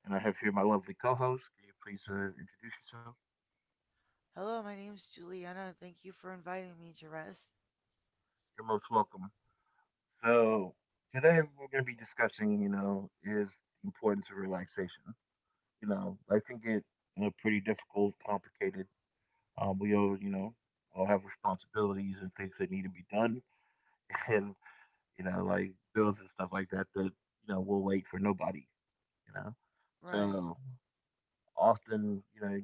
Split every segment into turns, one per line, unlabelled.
and I have here my lovely co-host. Can you please introduce yourself?
Hello, my name's Juliana. Thank you for inviting me to rest.
You're most welcome. So today we're going to be discussing, is the importance of relaxation. Life can get pretty difficult, complicated. We all, all have responsibilities and things that need to be done, and like bills and stuff like that. That, will wait for nobody. You know,
Right,
so often,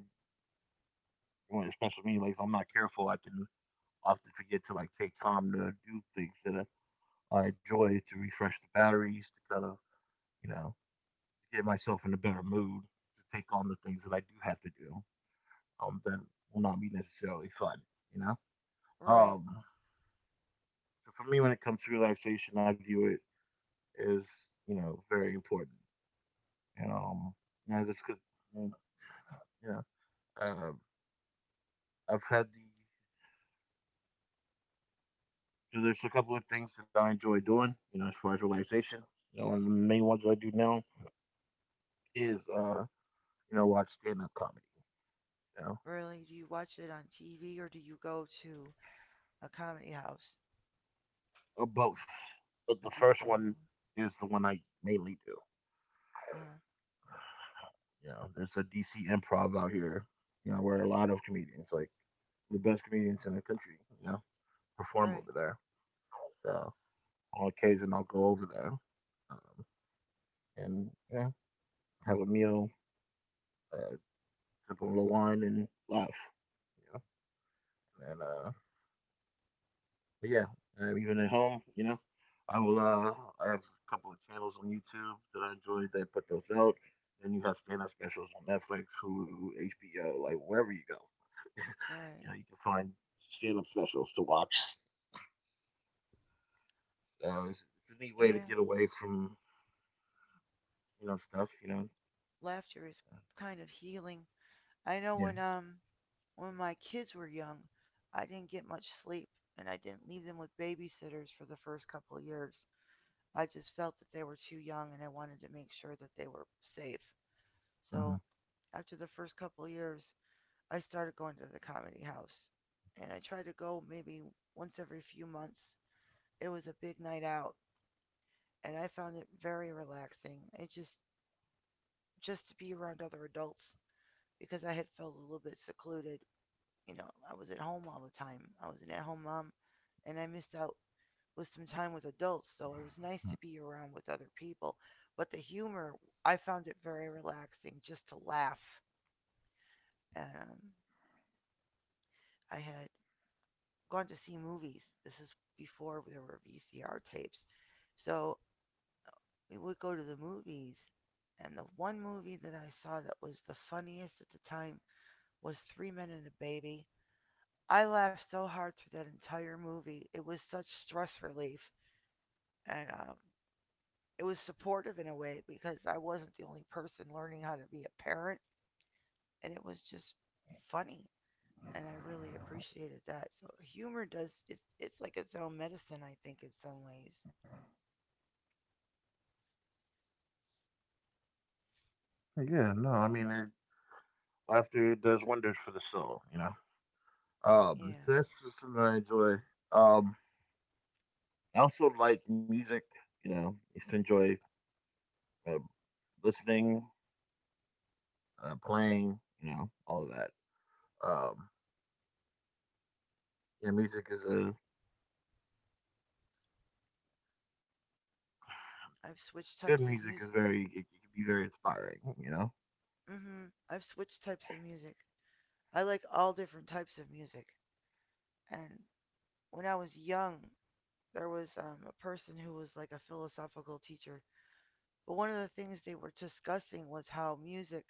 especially me, like if I'm not careful, I can often forget to like take time to do things that I enjoy to refresh the batteries, to kind of you know get myself in a better mood to take on the things that I do have to do. That will not be necessarily fun, you know.
right.
Um, so for me, when it comes to relaxation, I view it as very important. And you know, this could, you know, uh, I've had the So there's a couple of things that I enjoy doing, as far as relaxation. And the main ones that I do now is, watch stand up comedy, you know,
Really? Do you watch it on TV or do you go to a comedy house?
Both. But
You
the
do
first
both.
one is the one I mainly do.
Uh,
There's a DC improv out here, where a lot of comedians, like the best comedians in the country, perform
right,
over there. So on occasion, I'll go over there um, and yeah, have a meal, uh, sip a little wine, and laugh. You know, and But yeah, even at home, I will. I have a couple of channels on YouTube that I enjoy that put those out. Then you have stand-up specials on Netflix, Hulu, HBO, like wherever you go. you
right.
know, you can find stand-up specials to watch. It's a neat way to
Yeah,
get away from stuff.
laughter is kind of healing. I know
Yeah,
when my kids were young, I didn't get much sleep and I didn't leave them with babysitters for the first couple of years. I just felt that they were too young and I wanted to make sure that they were safe.
uh-huh.
So, after the first couple of years, I started going to the comedy house. And I tried to go maybe once every few months. It was a big night out and I found it very relaxing. It just to be around other adults because I had felt a little bit secluded. You know, I was at home all the time. I was an at-home mom and I missed out with some time with adults, so it was nice to be around with other people. But the humor, I found it very relaxing just to laugh. And I had gone to see movies. This is before there were VCR tapes. So we would go to the movies, and the one movie that I saw that was the funniest at the time was Three Men and a Baby. I laughed so hard through that entire movie. It was such stress relief, and it was supportive in a way because I wasn't the only person learning how to be a parent, and it was just funny. And I really appreciated that. So humor does it's like its own medicine, I think, in some ways.
Yeah. No, I mean, laughter does wonders for the soul. You know, um,
Yeah.
so that's something that I enjoy. Um, I also like music. I used to enjoy uh, listening, playing, all of that. Um, yeah, music is a
I've switched
Good
types
music
of
is
music.
very it can be very inspiring.
Mm hmm. I've switched types of music. I like all different types of music. And when I was young, there was a person who was like a philosophical teacher. But one of the things they were discussing was how music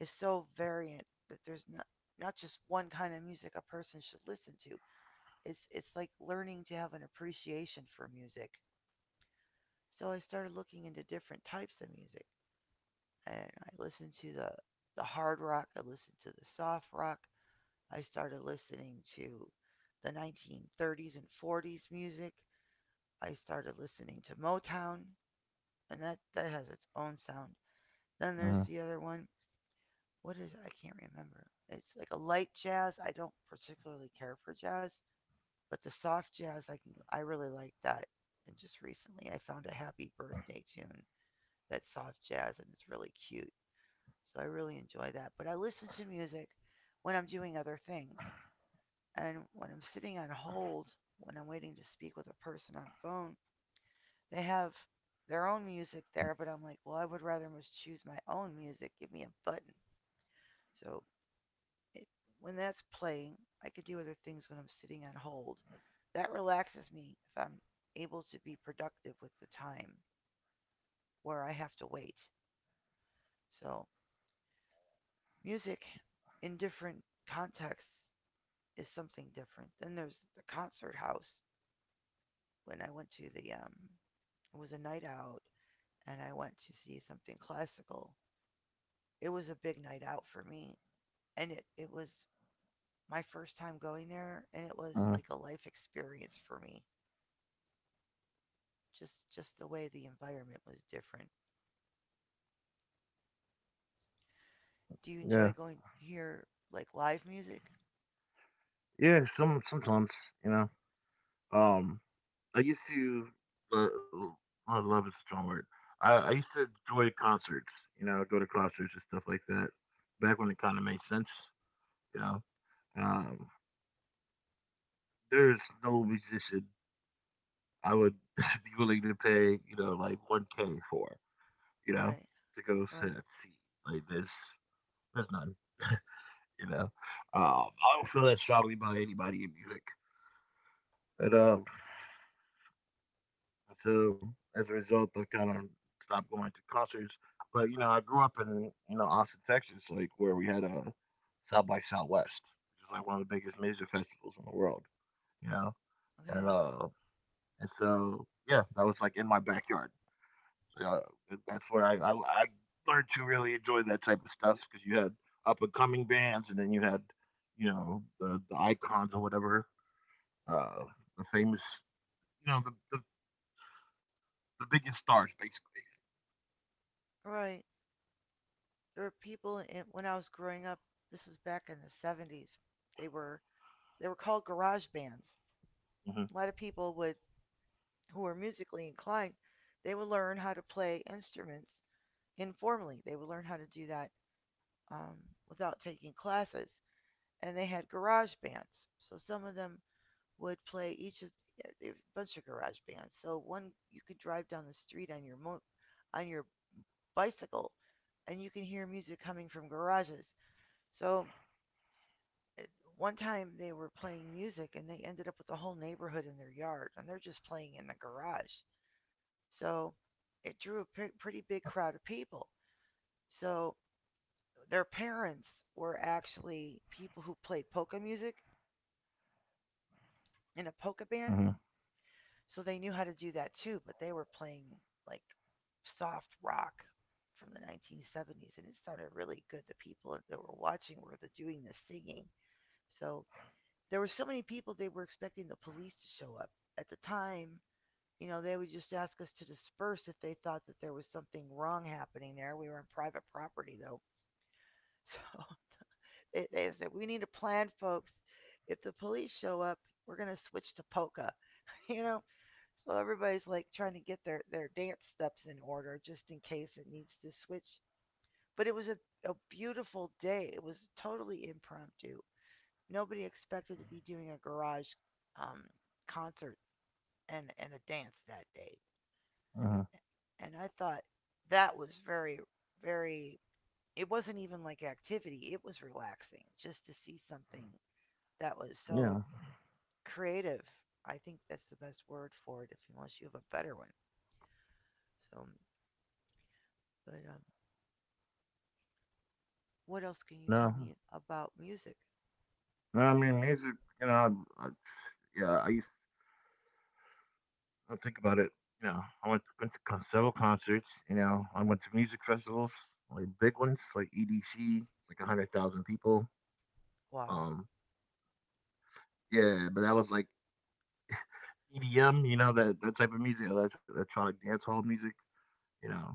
is so variant that there's not just one kind of music a person should listen to. It's like learning to have an appreciation for music. So I started looking into different types of music. And I listened to the hard rock. I listened to the soft rock. I started listening to the 1930s and 40s music. I started listening to Motown, and that has its own sound. Then there's
uh
the other one. What is it? I can't remember. It's like a light jazz. I don't particularly care for jazz, but the soft jazz I really like that. And just recently I found a happy birthday tune that's soft jazz and it's really cute. So I really enjoy that. But I listen to music when I'm doing other things. And when I'm sitting on hold, when I'm waiting to speak with a person on the phone, they have their own music there. But I'm like, well, I would rather just choose my own music. Give me a button. So it, when that's playing, I could do other things when I'm sitting on hold. That relaxes me if I'm able to be productive with the time where I have to wait. So music in different contexts is something different. Then there's the concert house. When I went to the it was a night out, and I went to see something classical. It was a big night out for me, and it was my first time going there, and it was
uh
like a life experience for me. Just the way the environment was different. Do you enjoy
Yeah.
going here like live music?
Yeah, sometimes, you know. Um, I used to uh, Love is a strong word. I used to enjoy concerts, go to concerts and stuff like that. Back when it kind of made sense, you know. Um, there's no musician I would be willing to pay, like 1K for. you know,
Right,
to go sit
right,
at sea. Like there's none, you know. I don't feel that strongly about anybody in music, and so as a result, I kind of stopped going to concerts. But I grew up in Austin, Texas, like where we had a South by Southwest, which is like one of the biggest music festivals in the world, you know, and
okay,
uh, and so yeah, that was like in my backyard. So that's where I learned to really enjoy that type of stuff because you had up and coming bands, and then you had the icons or whatever, uh, the famous you know the biggest stars basically.
right. There were people in, when I was growing up. This was back in the '70s. They were they were called garage bands. A lot of people would, who were musically inclined, they would learn how to play instruments informally. They would learn how to do that, um, without taking classes, and they had garage bands. So some of them would play each of a bunch of garage bands. So one you could drive down the street on your on your bicycle and you can hear music coming from garages. So eh, one time they were playing music and they ended up with the whole neighborhood in their yard and they're just playing in the garage. So it drew a pretty big crowd of people. So their parents were actually people who played polka music in a polka
Hmm.
band, so they knew how to do that too, but they were playing like soft rock from the 1970s and it sounded really good. The people that were watching were the doing the singing. So there were so many people they were expecting the police to show up. At the time, you know, they would just ask us to disperse if they thought that there was something wrong happening there. We were on private property though. So they said, we need a plan, folks. If the police show up, we're going to switch to polka, you know? So everybody's like trying to get their dance steps in order just in case it needs to switch. But it was a beautiful day. It was totally impromptu. Nobody expected to be doing a garage um, concert and a dance that day.
Hmm.
And I thought that was very, it wasn't even like activity, it was relaxing just to see something that was so
Yeah.
creative. I think that's the best word for it, if unless you have a better one. So, but what else can you tell
No.
me about music?
No, I mean music. You know, I, yeah, I used to think about it. I went to several concerts. I went to music festivals, like big ones, like EDC, like 100,000 people.
Wow.
Um, yeah, but that was like EDM, that type of music, electronic dance hall music, you know,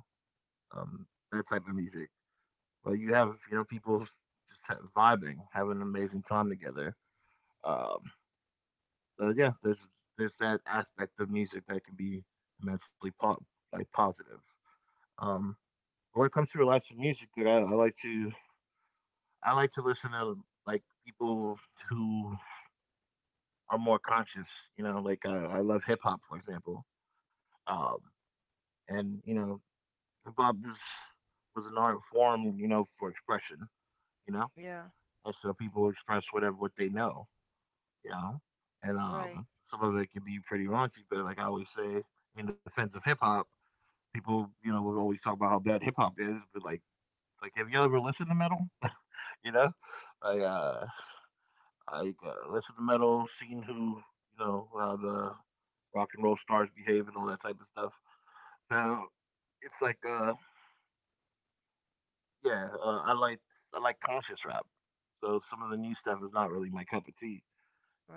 um, that type of music. But you have, people just ha vibing, having an amazing time together. Um, so yeah, there's that aspect of music that can be immensely po like positive. Um, when it comes to relaxing music, dude, I like to I like to listen to like people who are more conscious, like I love hip hop, for example. Um, and you know, Hip hop was an art form, for expression, you know,
Yeah.
and so people express what they know, you know, and
Right.
some of it can be pretty raunchy, but like I always say, in defense of hip hop, people, would always talk about how bad hip hop is, but like have you ever listened to metal? You know, like uh, Listen to metal, how the rock and roll stars behave and all that type of stuff. So it's like Yeah, I like conscious rap. So some of the new stuff is not really my cup of tea,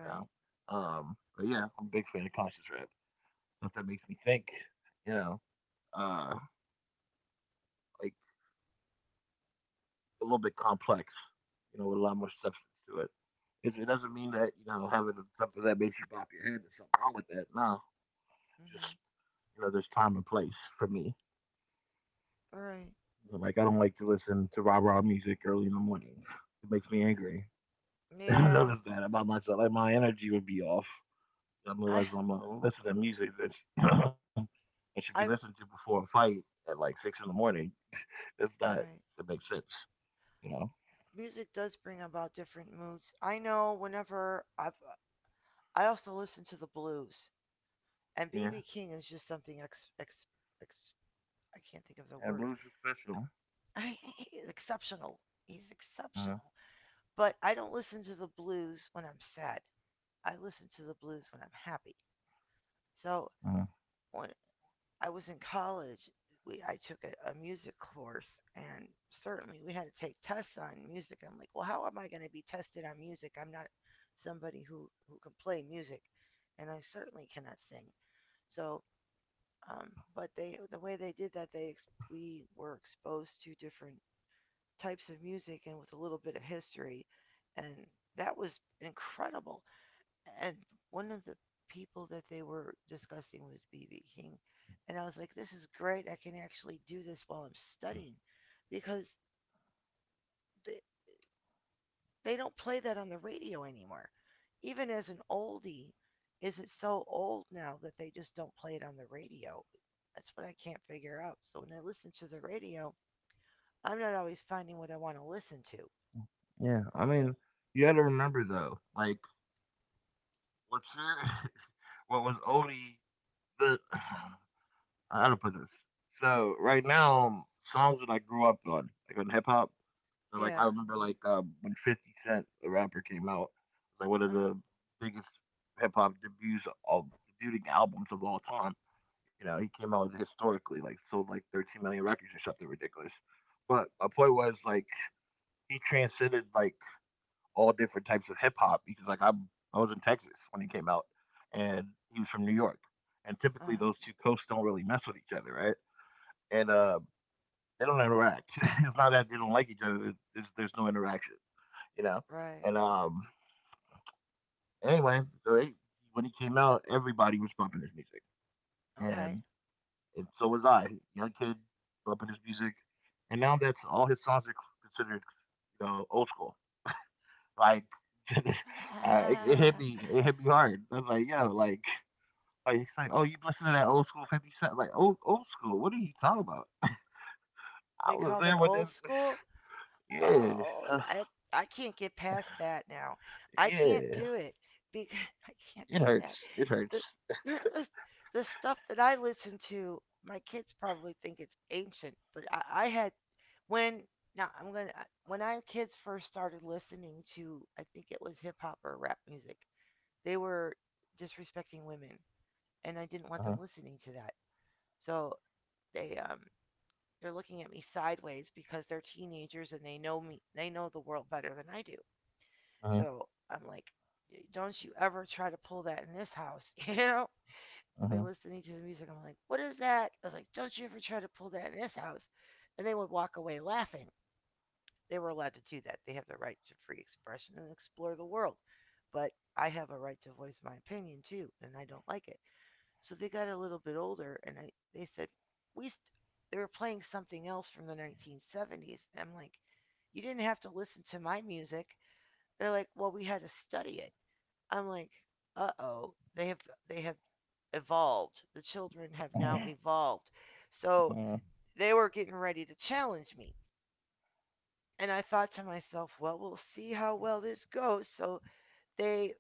you know. But yeah, I'm a big fan of conscious rap. Stuff that makes me think, you know, uh, like a little bit complex, with a lot more substance to it. It doesn't mean that having something that makes you bop your head is something wrong with that. No,
Mhm.
just there's time and place for me.
Right.
Like I don't like to listen to rah rah music early in the morning. It makes me angry. I
Yeah.
noticed that about myself. Like my energy would be off. I am
I.
realizing I'm listening to music that that should be listened
I've.
to before a fight at like 6 in the morning. That's not
Right.
That makes sense, you know.
Music does bring about different moods. I know. Whenever I also listen to the blues, and
Yeah,
BB King is just something ex. Ex. Ex I can't think of the
and
word.
blues are special.
Exceptional. He's
Uh,
exceptional. But I don't listen to the blues when I'm sad. I listen to the blues when I'm happy. So
uh,
when I was in college, we I took a music course, and certainly we had to take tests on music. I'm like, well, how am I going to be tested on music? I'm not somebody who can play music, and I certainly cannot sing. So, but the way they did that, they we were exposed to different types of music and with a little bit of history, and that was incredible. And one of the people that they were discussing was BB King. And I was like, this is great. I can actually do this while I'm studying because they, they don't play that on the radio anymore. Even as an oldie, is it so old now that they just don't play it on the radio? That's what I can't figure out. So when I listen to the radio, I'm not always finding what I want to listen to.
yeah, I mean, you got to remember though, like what's your what was Odie the how to put this. So right now, songs that I grew up on, like on hip hop, so like I
Yeah.
remember like when Fifty Cent, the rapper, came out, like one of
Uh
the biggest hip hop debuts of debuting albums of all time. He came out historically, like sold like 13 million records or something ridiculous. But my point was like he transcended like all different types of hip hop because like I was in Texas when he came out, and he was from New York, and
huh.
typically those two coasts don't really mess with each other, right? And They don't interact. It's not that they don't like each other; there's no interaction you know.
Right.
And Anyway, so they, when he came out, everybody was bumping his music,
Okay.
and, and so was I, young kid, bumping his music. And now that's all his songs are considered, old school. Like, uh, it hit me hard. I was like, yo, like he's like, oh, you listen to that old school Fifty Cent? Like, old school? What are you talking about? I
They
was
call
there
that
when
old
this.
school?
Yeah,
Oh, I can't get past that now. I can't
yeah.
do it because I can't
It
do that.
hurts. It hurts.
The, the, the stuff that I listen to, my kids probably think it's ancient, but I had when now I'm gonna when I kids first started listening to I think it was hip hop or rap music, they were disrespecting women, and I didn't
Uh
want them
huh.
listening to that. So they they're looking at me sideways because they're teenagers and they know me. They know the world better than I do.
Uh huh.
So I'm like, don't you ever try to pull that in this house, you know? I've been
Uh
listening to the music. I'm like, what is that? I was like, don't you ever try to pull that in this house. And they would walk away laughing. They were allowed to do that. They have the right to free expression and explore the world. But I have a right to voice my opinion too, and I don't like it. So they got a little bit older, and I they said we st-, they were playing something else from the 1970s. I'm like, you didn't have to listen to my music. They're like, well, we had to study it. I'm like, uh oh, they have evolved. The children have now
huh.
evolved. So
Uh
they were getting ready to challenge me. And I thought to myself, well, we'll see how well this goes. So they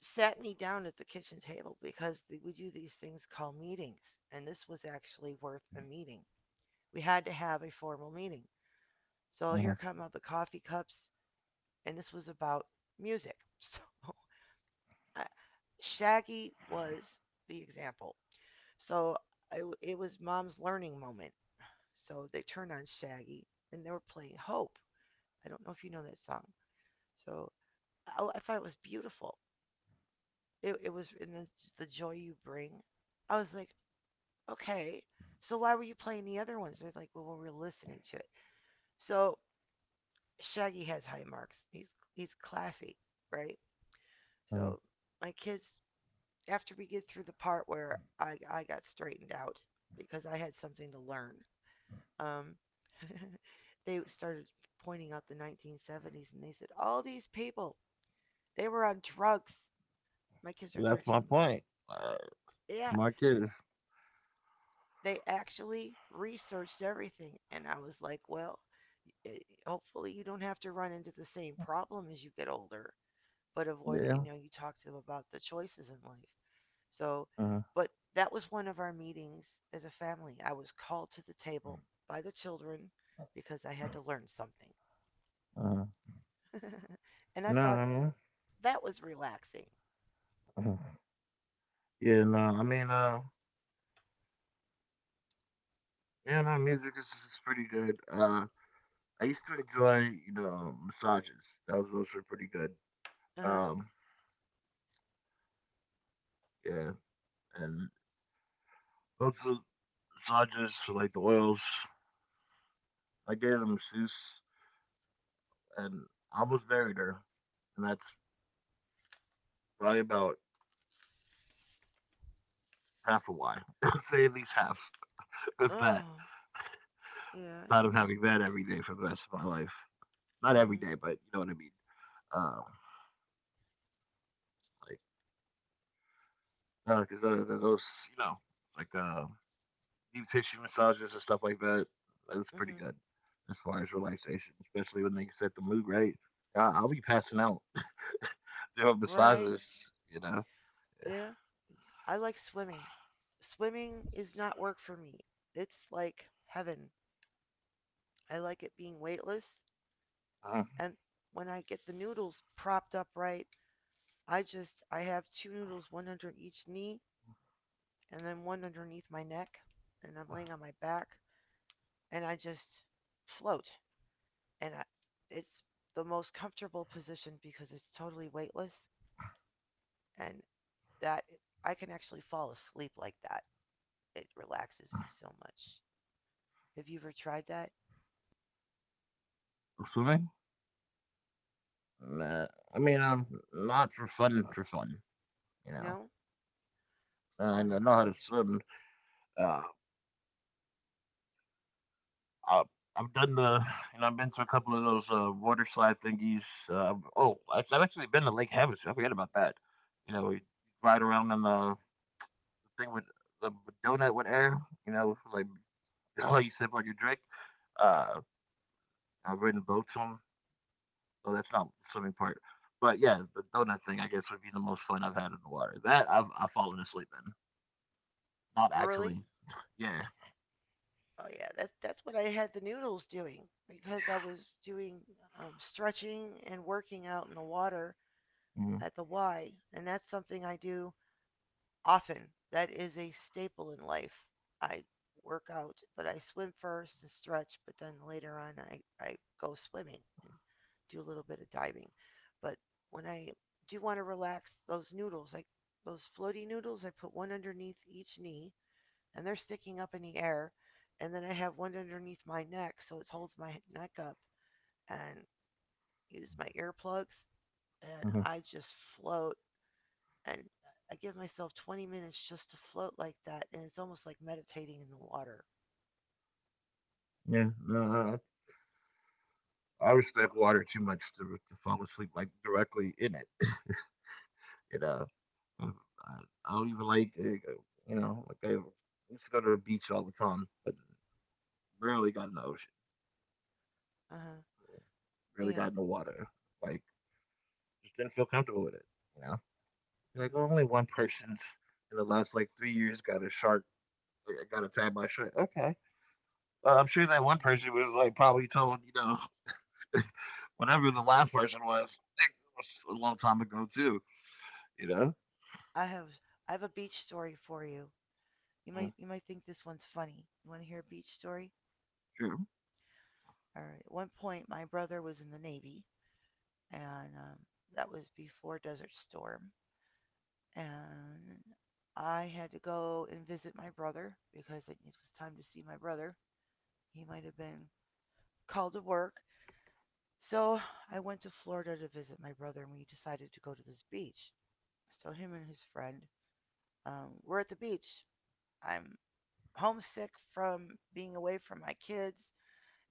sat me down at the kitchen table because we do these things called meetings, and this was actually worth a meeting. We had to have a formal meeting. So
huh. Uh
here come out the coffee cups, and this was about music. So I, Shaggy was the example. So I w it was mom's learning moment. So they turned on Shaggy, and they were playing Hope. I don't know if you know that song. So I thought it was beautiful. It was in the joy you bring. I was like, okay. So why were you playing the other ones? They're like, well, we were listening to it. So Shaggy has high marks. He's classy, right?
huh.
So my kids, after we get through the part where I got straightened out because I had something to learn, um, they started pointing out the 1970s, and they said all these people they were on drugs. My kids are
That's my
13 years
point. Uh,
old. Yeah,
my kid,
they actually researched everything, and I was like, well, hopefully you don't have to run into the same problem as you get older, but avoid,
yeah,
you talk to them about the choices in life. So,
uh,
but that was one of our meetings as a family. I was called to the table by the children because I had to learn something.
uh,
And I
no,
thought
I mean,
that was relaxing.
uh, yeah, no, I mean, yeah, no, is pretty good. I used to enjoy, massages. Those were pretty good.
Uh-huh.
Um, yeah, and those are massages like the oils. I gave them a masseuse, and I almost buried her, and that's probably about half of why. Say at least half. With that,
Oh, yeah.
the thought of having that every day for the rest of my life. Not every
Mhm.
day, but you know what I mean. Um, like, because 'cause, those, you know, like deep tissue massages and stuff like that, that's pretty
Mhm.
good as far as relaxation, especially when they set the mood right. I'll be passing out doing
Right.
massages.
Yeah. I like swimming. Swimming is not work for me. It's like heaven. I like it being weightless,
Uh,
and when I get the noodles propped up right, I have two noodles, one under each knee and then one underneath my neck, and I'm laying on my back and I just float. And I, it's the most comfortable position because it's totally weightless, and that I can actually fall asleep like that. It relaxes me so much. Have you ever tried that?
Swimming? Nah, I mean, not for fun, for fun, you know.
No? Oh
I know
no.
how to swim. Uh, Uh, I've done the, you know, I've been to a couple of those water slide thingies. Oh, I've actually been to Lake Havasu. I forgot about that. You
Mm.
ride around on the thing with the donut with air. Like how you sip on your drink. Uh, I've ridden boats on. Oh, that's not the swimming part. But yeah, the donut thing I guess would be the most fun I've had in the water. That I've fallen asleep in. Not
Really?
actually. Yeah.
Oh yeah, that's what I had the noodles doing because I was doing stretching and working out in the water
Mm-hmm.
at the Y, and that's something I do often. That is a staple in life. I work out, but I swim first and stretch, but then later on I go swimming and do a little bit of diving. But when I do want to relax, those noodles, like those floaty noodles, I put one underneath each knee, and they're sticking up in the air. And then I have one underneath my neck, so it holds my neck up, and use my earplugs, and
Mm-hmm.
I just float. And I give myself 20 minutes just to float like that, and it's almost like meditating in the water.
Yeah. No, I always drink water too much to fall asleep like directly in it. you know, I don't even like I used to go to the beach all the time, but rarely got in the ocean,
Uh huh.
rarely
Yeah.
got in the water. Like just didn't feel comfortable with it. You know,
Hmm.
only one person's in the last like 3 years got a shark got attacked by a shark. Okay. Well, I'm sure that one person was like probably told, whatever the last person was, it was a long time ago too. You know,
I have I have a beach story for you. You
Yeah.
might you might think this one's funny. You want to hear a beach story?
True.
All right. At one point, my brother was in the Navy, and that was before Desert Storm. And I had to go and visit my brother because it was time to see my brother. He might have been called to work. So I went to Florida to visit my brother, and we decided to go to this beach. So him and his friend were at the beach. I'm homesick from being away from my kids,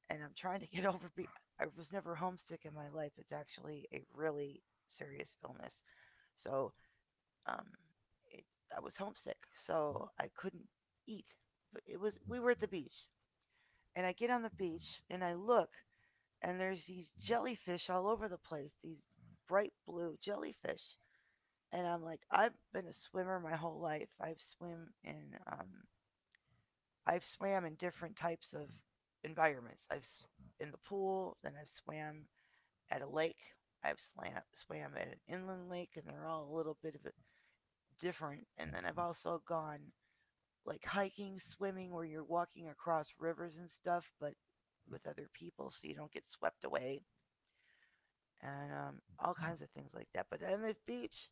and I'm trying to get over. I was never homesick in my life. It's actually a really serious illness. So um, it, I was homesick, so I couldn't eat. But it was we were at the beach, and I get on the beach and I look, and there's these jellyfish all over the place. These bright blue jellyfish, and I'm like, I've been a swimmer my whole life. I've swim in, I've swam in different types of environments. I've in the pool, then I've swam at a lake. I've swam at an inland lake, and they're all a little bit of a different. And then I've also gone like hiking, swimming, where you're walking across rivers and stuff, but with other people so you don't get swept away and all kinds of things like that. But on the beach,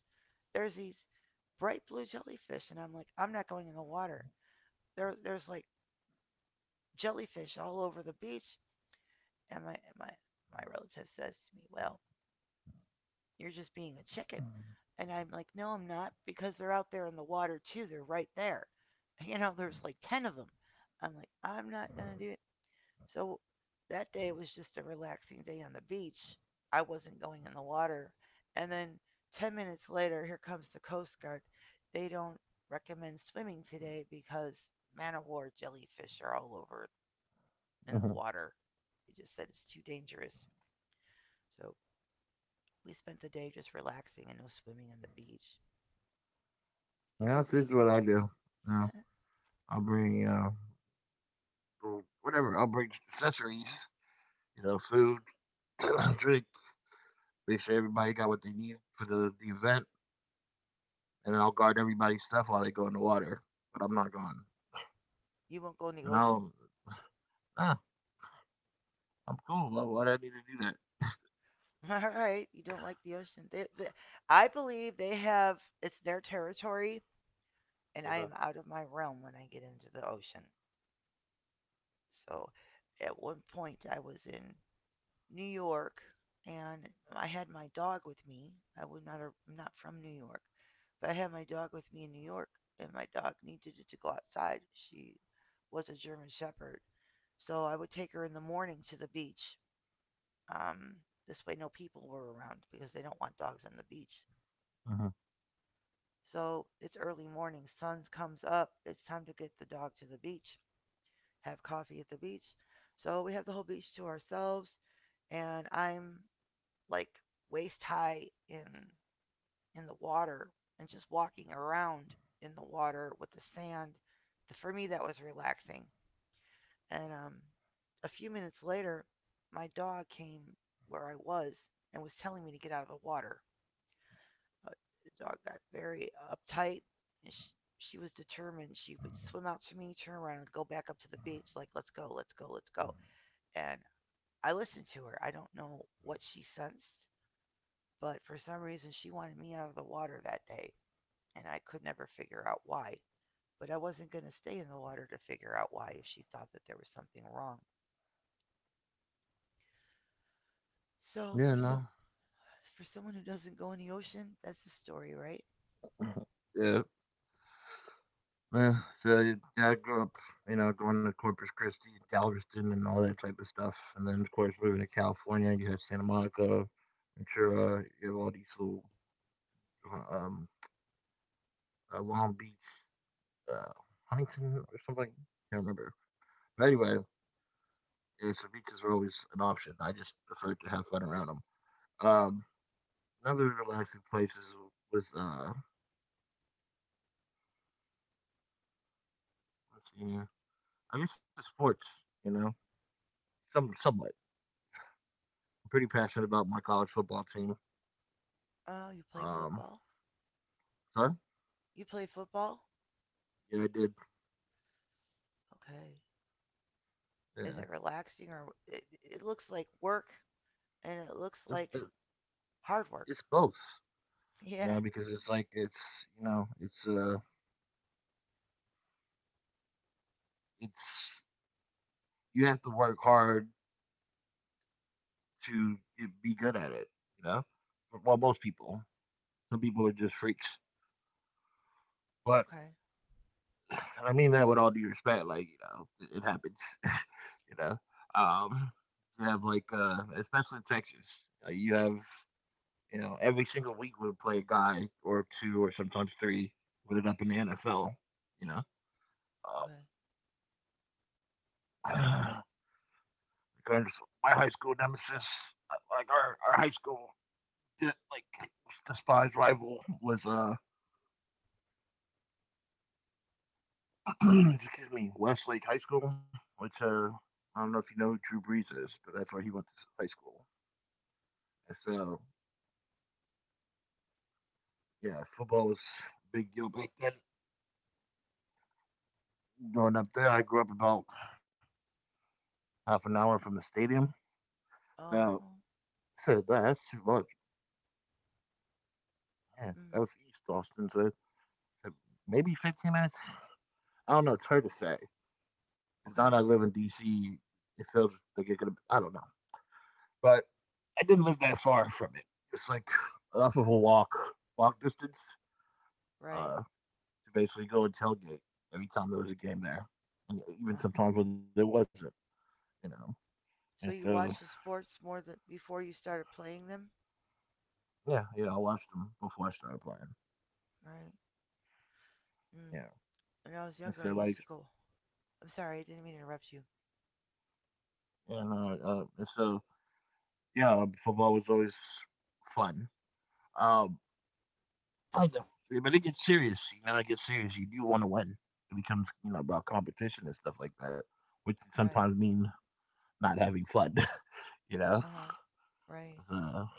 there's these bright blue jellyfish, and I'm like, I'm not going in the water. There's like jellyfish all over the beach, and my relative says to me, "Well, you're just being a chicken," and I'm like, "No, I'm not, because they're out there in the water too. They're right there. You know, there's like ten of them." I'm like, "I'm not gonna do it. So that day was just a relaxing day on the beach. I wasn't going in the water. And then 10 minutes later, here comes the Coast Guard. They don't recommend swimming today because man of war jellyfish are all over in the
Mhm.
water. They just said it's too dangerous. So we spent the day just relaxing and no swimming on the beach. Have
Yeah,
you
that's
ever?
usually what I do. You know, I'll bring whatever. I'll bring accessories. Food, drink. Make sure everybody got what they need for the event, and then I'll guard everybody's stuff while they go in the water. But I'm not going.
You won't go in the
And
ocean?
I'll ah, I'm cool. Why do I need to do that?
All right, you don't like the ocean. I believe they have. It's their territory, and I
Uh-huh.
am out of my realm when I get into the ocean. So at one point I was in New York, and I had my dog with me. I'm not from New York, but I had my dog with me in New York, and my dog needed to go outside. She was a German shepherd. So I would take her in the morning to the beach. Um, this way no people were around because they don't want dogs on the beach.
Uh-huh.
So it's early morning, sun comes up, it's time to get the dog to the beach. Have coffee at the beach. So we have the whole beach to ourselves, and I'm like waist high in the water and just walking around in the water with the sand. For me, that was relaxing. And a few minutes later, my dog came where I was and was telling me to get out of the water. But the dog got very uptight, and she was determined. She would swim out to me, turn around, and go back up to the beach, like, let's go, let's go, let's go. And I listened to her. I don't know what she sensed, but for some reason she wanted me out of the water that day, and I could never figure out why. But I wasn't going to stay in the water to figure out why if she thought that there was something wrong. So
Yeah,
for so
no.
for someone who doesn't go in the ocean, that's the story, right?
Yeah. Yeah, so yeah, I grew up, going to Corpus Christi, Galveston, and all that type of stuff. And then, of course, moving to California, you have Santa Monica, Ventura, you have all these little uh, um, Long Beach, uh, Huntington, or something. Can't remember. But anyway, yeah, so beaches were always an option. I just preferred to have fun around them. Um, Another relaxing place is was let's see, I guess it's sports. You know, somewhat. I'm pretty passionate about my college football team.
Oh, you play
Um,
football?
Huh?
You play football?
Yeah, I did.
Okay.
Yeah,
Is it relaxing, or it looks like work and it looks
it's bo-
like hard work?
it's both,
Yeah.
because it's like it's you know it's you have to work hard to be good at it, you know. Well, most people, some people are just freaks, but
Okay.
and I mean that with all due respect. Like it happens. you know. Um, you have like especially in Texas, you have every single week we would play a guy or two or sometimes three, put it up in the NFL, you know Um,
Okay.
because my high school nemesis, our high school, di- like despised rival was excuse me, Westlake High School, which I don't know if you know who Drew Brees is, but that's where he went to high school. And so yeah, football was a big deal back then. Growing up there, I grew up about half an hour from the stadium. Uh,
Oh.
Said that that's too much. Man, that
Mm,
was East Austin, so maybe 15 minutes. I don't know. It's hard to say. Because now that I
okay.
live in DC, it feels like it could. I don't know, but I didn't live that far from it. It's like enough of a walk, distance,
Right.
uh, to basically go and tailgate every time there was a game there, and
Oh,
even sometimes when there wasn't, you know. And
so you
so
watched the sports more than before you started playing them,
yeah, yeah, I watched them before I started playing.
right? Mm.
Yeah,
When I was
and
younger,
so
I used
like,
to go. I'm sorry, I didn't mean to interrupt you.
you know, and so yeah, football was always fun. Um, Kind of. Yeah, but it gets serious. It gets serious. You do want to win. It becomes, about competition and stuff like that, which can
Right.
sometimes mean not having fun, you know?
Uh huh. Right.
So,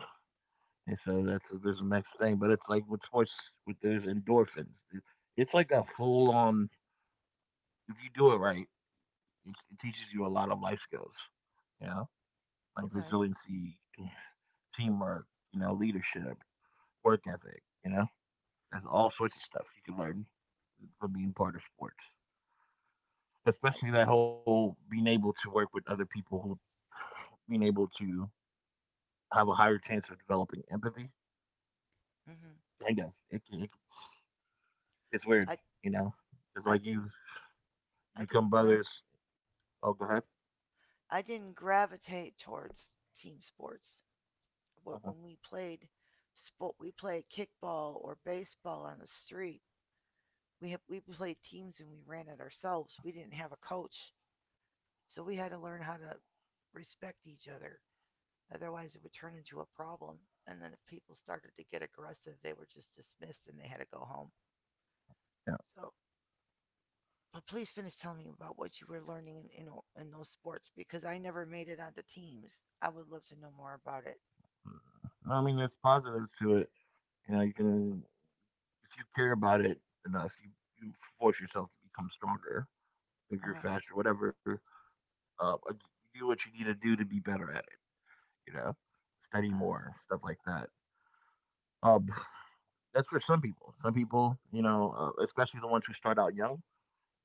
and so that's there's the next thing. But it's like with sports, with those endorphins, it's like a full on, if you do it right, it teaches you a lot of life skills, you know? Like
Okay.
resiliency, teamwork, leadership, work ethic, you know? That's all sorts of stuff you can learn from being part of sports.
I.
Especially that whole being able to work with other people who being able to have a higher chance of developing empathy.
Mm-hmm.
Kind of, it's weird,
I.
you know. It's
I
like you
didn't. I
become
didn't grav.
brothers. Oh, go ahead.
I didn't gravitate towards team sports.
Uh-huh.
When we played sport, we played kickball or baseball on the street. We played teams, and we ran it ourselves. We didn't have a coach, so we had to learn how to respect each other. Otherwise, it would turn into a problem. And then if people started to get aggressive, they were just dismissed and they had to go home.
Yeah,
So, but please finish telling me about what you were learning in those sports because I never made it onto teams. I would love to know more about it.
mm, I mean, there's positives to it. You can if you care about it enough, you force yourself to become stronger, bigger,
Uh
faster, whatever. But you do what you need to do to be better at it. You know, study
huh.
more, stuff like that. Um, That's for some people. Some people, especially the ones who start out young.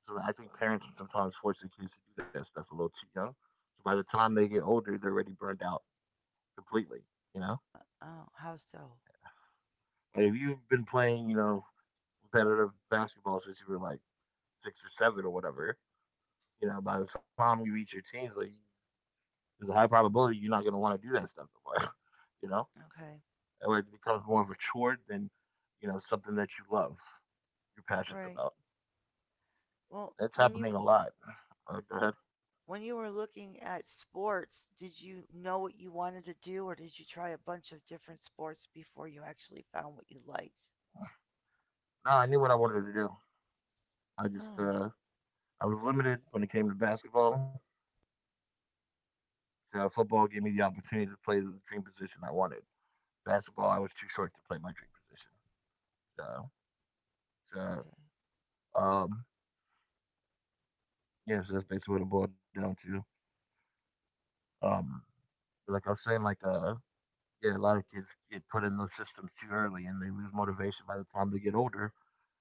So I think parents sometimes force their kids to do that stuff a little too young. So by the time they get older, they're already burned out completely. You know,
Ah. Oh, how so?
like if you've been playing, competitive basketball since you were like 6 or 7 or whatever, by the time you reach your teens, like there's a high probability you're not going to want to do that stuff anymore. you know,
Okay.
or it becomes more of a chore than something that you love, you're passionate
Right.
about.
Well,
That's happening a lot. Go ahead.
when you were looking at sports, did you know what you wanted to do, or did you try a bunch of different sports before you actually found what you liked?
No, I knew what I wanted to do. I just
Oh,
I was limited when it came to basketball. So football gave me the opportunity to play the dream position I wanted. Basketball, I was too short to play my dream position. So,
okay.
so um, yeah, so that's basically what it boiled down to. Um, but like I was saying, like yeah, a lot of kids get put in those systems too early, and they lose motivation by the time they get older,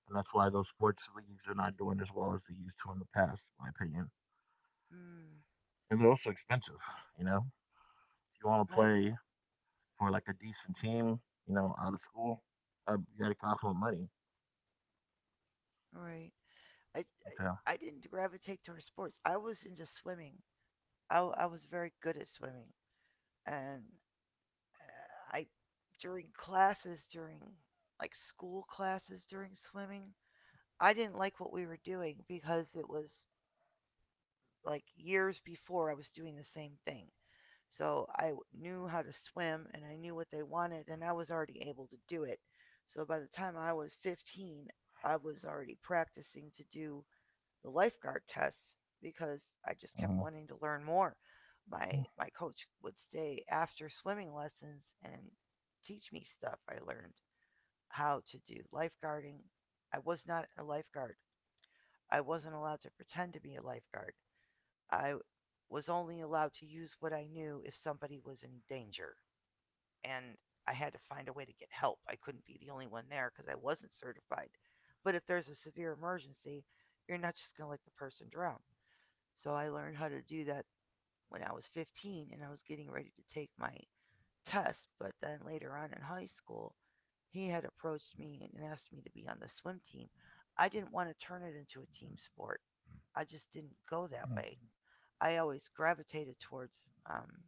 and that's why those sports leagues are not doing as well as they used to in the past, in my opinion.
Hmm.
And they're also expensive. You know, if you want to
I
play for like a decent team, out of school, you got to cost more money.
right. I
Okay.
I didn't gravitate towards sports. I was into swimming. I was very good at swimming, and I during classes during like school classes during swimming, I didn't like what we were doing because it was like years before I was doing the same thing. So knew how to swim, and I knew what they wanted, and I was already able to do it. So by the time I was 15, I was already practicing to do the lifeguard tests because I
Mm-hmm.
just kept wanting to learn more. My coach would stay after swimming lessons and teach me stuff. I learned how to do lifeguarding. I was not a lifeguard. I wasn't allowed to pretend to be a lifeguard. I was only allowed to use what I knew if somebody was in danger. And I had to find a way to get help. I couldn't be the only one there because I wasn't certified. But if there's a severe emergency, you're not just going to let the person drown. So I learned how to do that when I was 15 and I was getting ready to take my test. But then later on in high school, he had approached me and asked me to be on the swim team. I didn't want to turn it into a team sport. I just didn't go that way. I always gravitated towards um,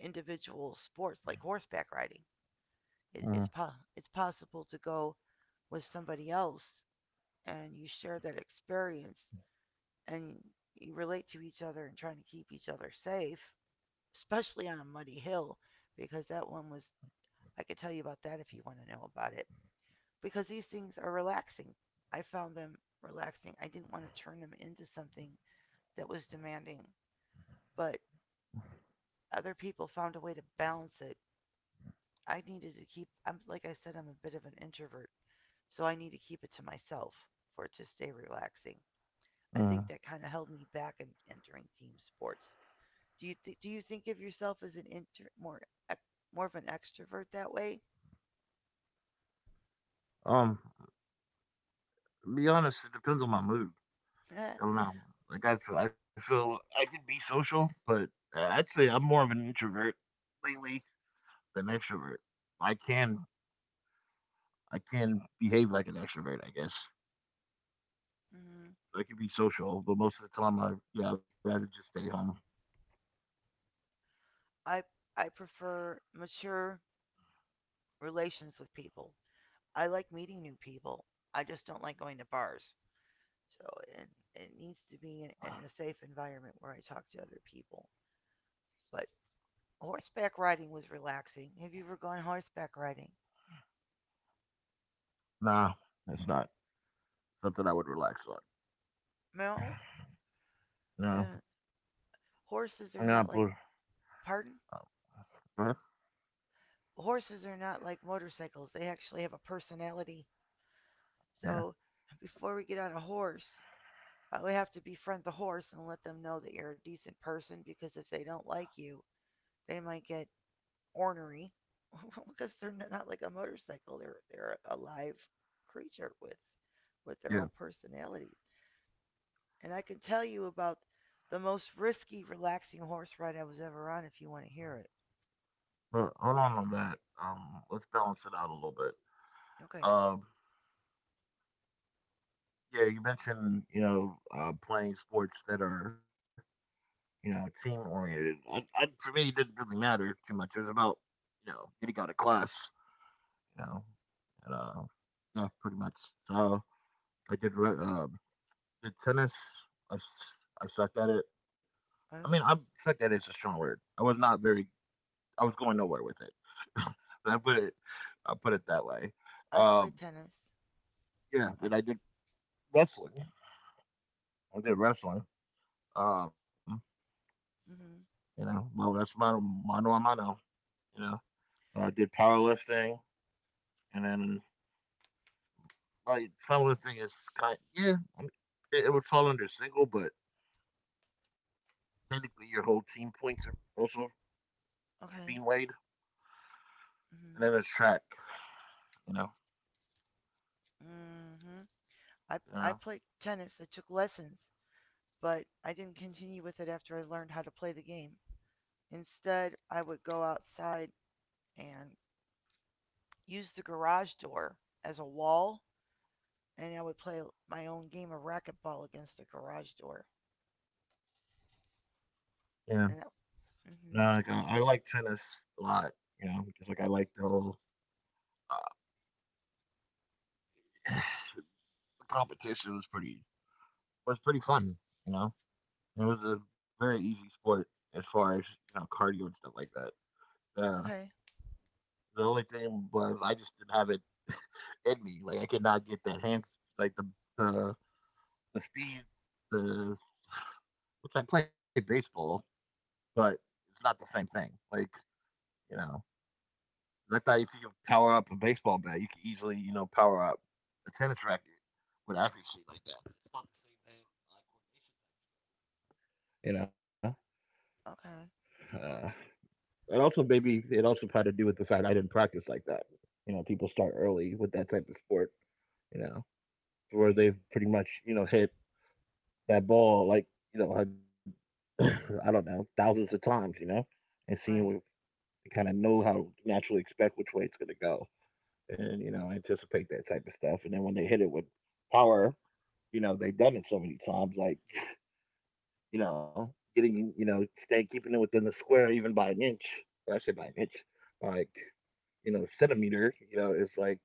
individual sports like horseback riding. It, it's
Mm-hmm.
po- it's possible to go with somebody else, and you share that experience, and you relate to each other and trying to keep each other safe, especially on a muddy hill, because that one was, I could tell you about that if you want to know about it. Because these things are relaxing. I found them relaxing. I didn't want to turn them into something that was demanding, but other people found a way to balance it. I needed to keep, I'm, like I said, I'm a bit of an introvert, so I need to keep it to myself for it to stay relaxing. I think that
Mm-hmm.
kind of held me back in entering team sports. Do you think of yourself as an inter- more more of an extrovert that way?
Um, to be honest, it depends on my mood.
Eh,
I don't know. Like I feel I can be social, but I'd say I'm more of an introvert lately than extrovert. I can I can behave like an extrovert, I guess.
Mhm.
I can be social, but most of the time, I yeah, I'd rather just stay home.
I I prefer mature relations with people. I like meeting new people. I just don't like going to bars. So it needs to be in a safe environment where I talk to other people. But horseback riding was relaxing. Have you ever gone horseback riding?
Nah, that's not something I would relax on.
No. Uh,
No,
Horses
I'm
are not
not.
like,
Blue.
pardon.
Uh,
Horses are not like motorcycles. They actually have a personality. So before we get on a horse, we have to befriend the horse and let them know that you're a decent person, because if they don't like you, they might get ornery because they're not like a motorcycle. They're a live creature with their own
Yeah,
personalities. And I can tell you about the most risky, relaxing horse ride I was ever on if you want to hear it.
but hold on that. Let's balance it out a little bit.
Okay.
Um, yeah, you mentioned playing sports that are team oriented. For me, it didn't really matter too much. It was about getting out of class. You know, and, yeah, pretty much. So I did the tennis. I sucked at it. I mean, I
Oh,
sucked at it's a strong word. I was not very. I was going nowhere with it. I put it. I put it that way.
I
Um,
played tennis.
Yeah,
I.
then I did wrestling. I did wrestling. Um,
Mhm.
well, that's mano, mano a mano, you know. I did powerlifting, and then, like, powerlifting is kind yeah, I mean, it would fall under single, but technically your whole team points are also being
Okay.
weighed. And then
Mhm.
there's track, you know.
Mhm. I
You
I
know
played tennis. I took lessons. But I didn't continue with it after I learned how to play the game. Instead, I would go outside and use the garage door as a wall, and I would play my own game of racquetball against the garage door.
yeah,
And that,
no, like,
hmm,
I like tennis a lot, because, like, I like the whole, uh, the competition was pretty fun, you know. It was a very easy sport as far as, cardio and stuff like that. Uh,
okay.
the only thing was I just didn't have it in me. Like I could not get like the, the speed, the which I play baseball, but it's not the same thing. Like you know, I thought if you could power up a baseball bat, you could easily power up a tennis racket with accuracy like that. It's not the same thing, like
Okay.
coordination. And also, maybe it also had to do with the fact I didn't practice like that. People start early with that type of sport. You know, where they've pretty much hit that ball like I, I don't know thousands of times. And seeing what
Right.
kind of know how to naturally expect which way it's going to go, and anticipate that type of stuff. And then when they hit it with power, they've done it so many times. Like getting, stay keeping it within the square even by an inch. Well, I say by an inch, by like, centimeter, is like,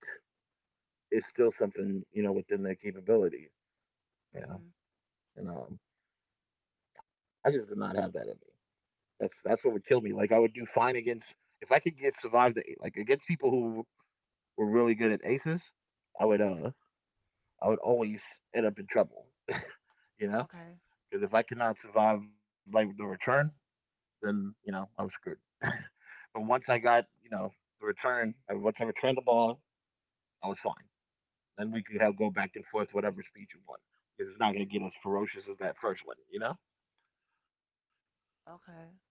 it's still something, within their capability, you know.
Hmm,
And I just did not have that in me. That's what would kill me. Like I would do fine against if I could get survive the like against people who were really good at aces, I would uh I would always end up in trouble, you know,
okay.
because if I cannot survive like the return, then I was screwed. but once I got the return, once I returned the ball, I was fine. Then we could have go back and forth whatever speed you want because it's not going to get as ferocious as that first one, you know. But,
Okay.
uh,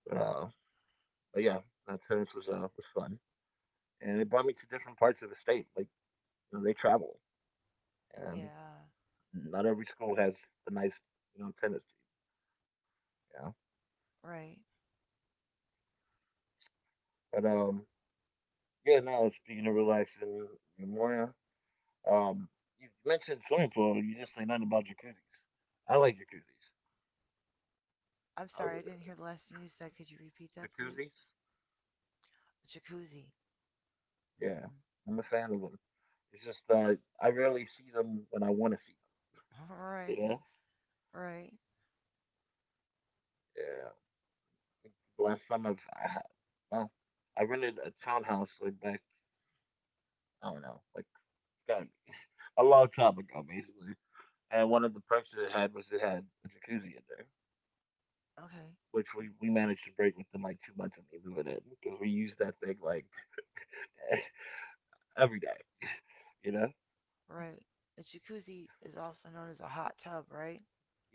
but yeah, tennis was fun, and it brought me to different parts of the state. Like you know, they travel, and
Yeah.
not every school has a nice you know tennis team. Yeah,
Right.
but yeah, no. Speaking of relaxing, Memorial. Um, you mentioned swimming pool. You just say nothing about jacuzzis. I like jacuzzis. I, re-
I'm sorry, I didn't hear the last thing you said. Could you repeat that,
Jacuzzis,
please? Jacuzzi.
yeah,
Mm.
I'm a fan of them. It's just I rarely see them when I want to see
All
them.
right.
You know?
Right.
Yeah. I think the last time I've, I, ha- well, I rented a townhouse like back, I don't know, like God, a long time ago, basically. And one of the perks that it had was it had a jacuzzi in there,
Okay.
which we managed to break within like 2 months of me moving in because we used that thing like every day. You know?
Right. A jacuzzi is also known as a hot tub, right?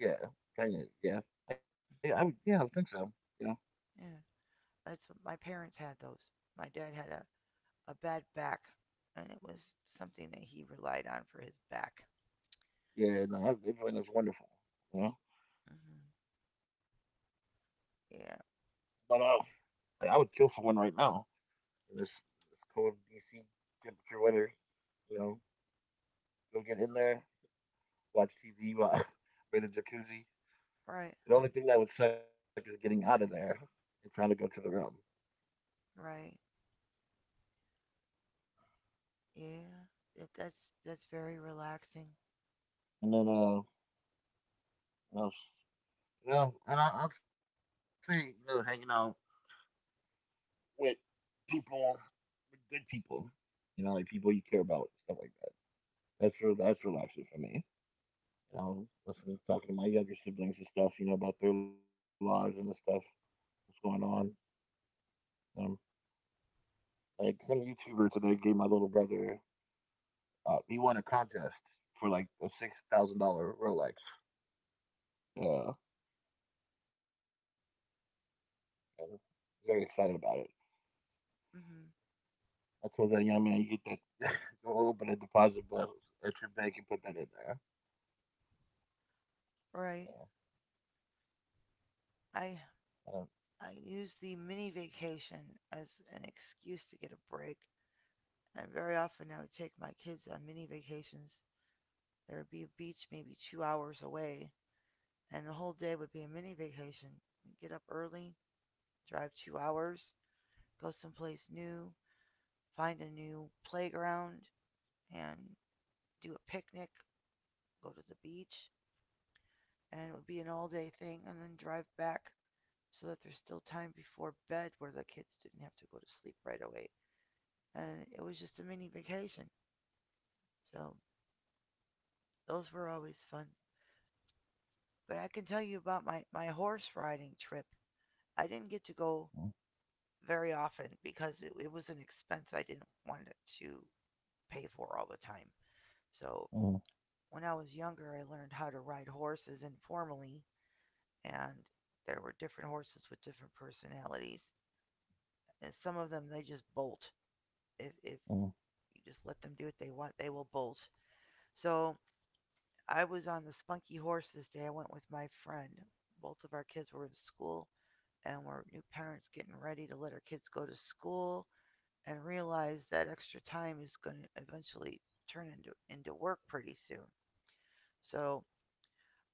Yeah. Kind of. Yeah.
Mhm.
I think so. You know?
Yeah. That's what my parents had those. My dad had a bad back, and it was something that he relied on for his back.
Yeah. No, that Bitcoin is wonderful. You know?
Mhm. Yeah.
But like, I would kill someone right now in this cold DC temperature weather. You know, go get in there, watch TV while in the jacuzzi.
Right.
The only thing that would suck is getting out of there and trying to go to the room.
Right. Yeah. That's very relaxing.
And then what else? You know, and I'd say you know hanging out with people, with good people. You know, like people you care about, stuff like that. That's relaxing for me. You know, listening to talking to my younger siblings and stuff. You know about their lives and the stuff that's going on. Um, like some YouTuber today gave my little brother. He won a contest for like a $6,000 Rolex. Yeah, and very excited about it.
Mhm.
I told that young man, you get that, go open a deposit box at your bank and put that in there.
Right.
Yeah.
I
Uh,
I use the mini vacation as an excuse to get a break, and very often I would take my kids on mini vacations. There would be a beach maybe 2 hours away, and the whole day would be a mini vacation. We'd get up early, drive 2 hours, go someplace new, find a new playground, and do a picnic, go to the beach, and it would be an all day thing, and then drive back so that there's still time before bed where the kids didn't have to go to sleep right away. And it was just a mini vacation. So those were always fun. But I can tell you about my horse riding trip. I didn't get to go very often because it was an expense I didn't want to pay for all the time. So
Mhm,
when I was younger, I learned how to ride horses informally, and there were different horses with different personalities. And some of them they just bolt. If
mhm,
you just let them do what they want, they will bolt. So I was on the spunky horse this day. I went with my friend. Both of our kids were in school, and we're new parents getting ready to let our kids go to school, and realize that extra time is going to eventually turn into work pretty soon. So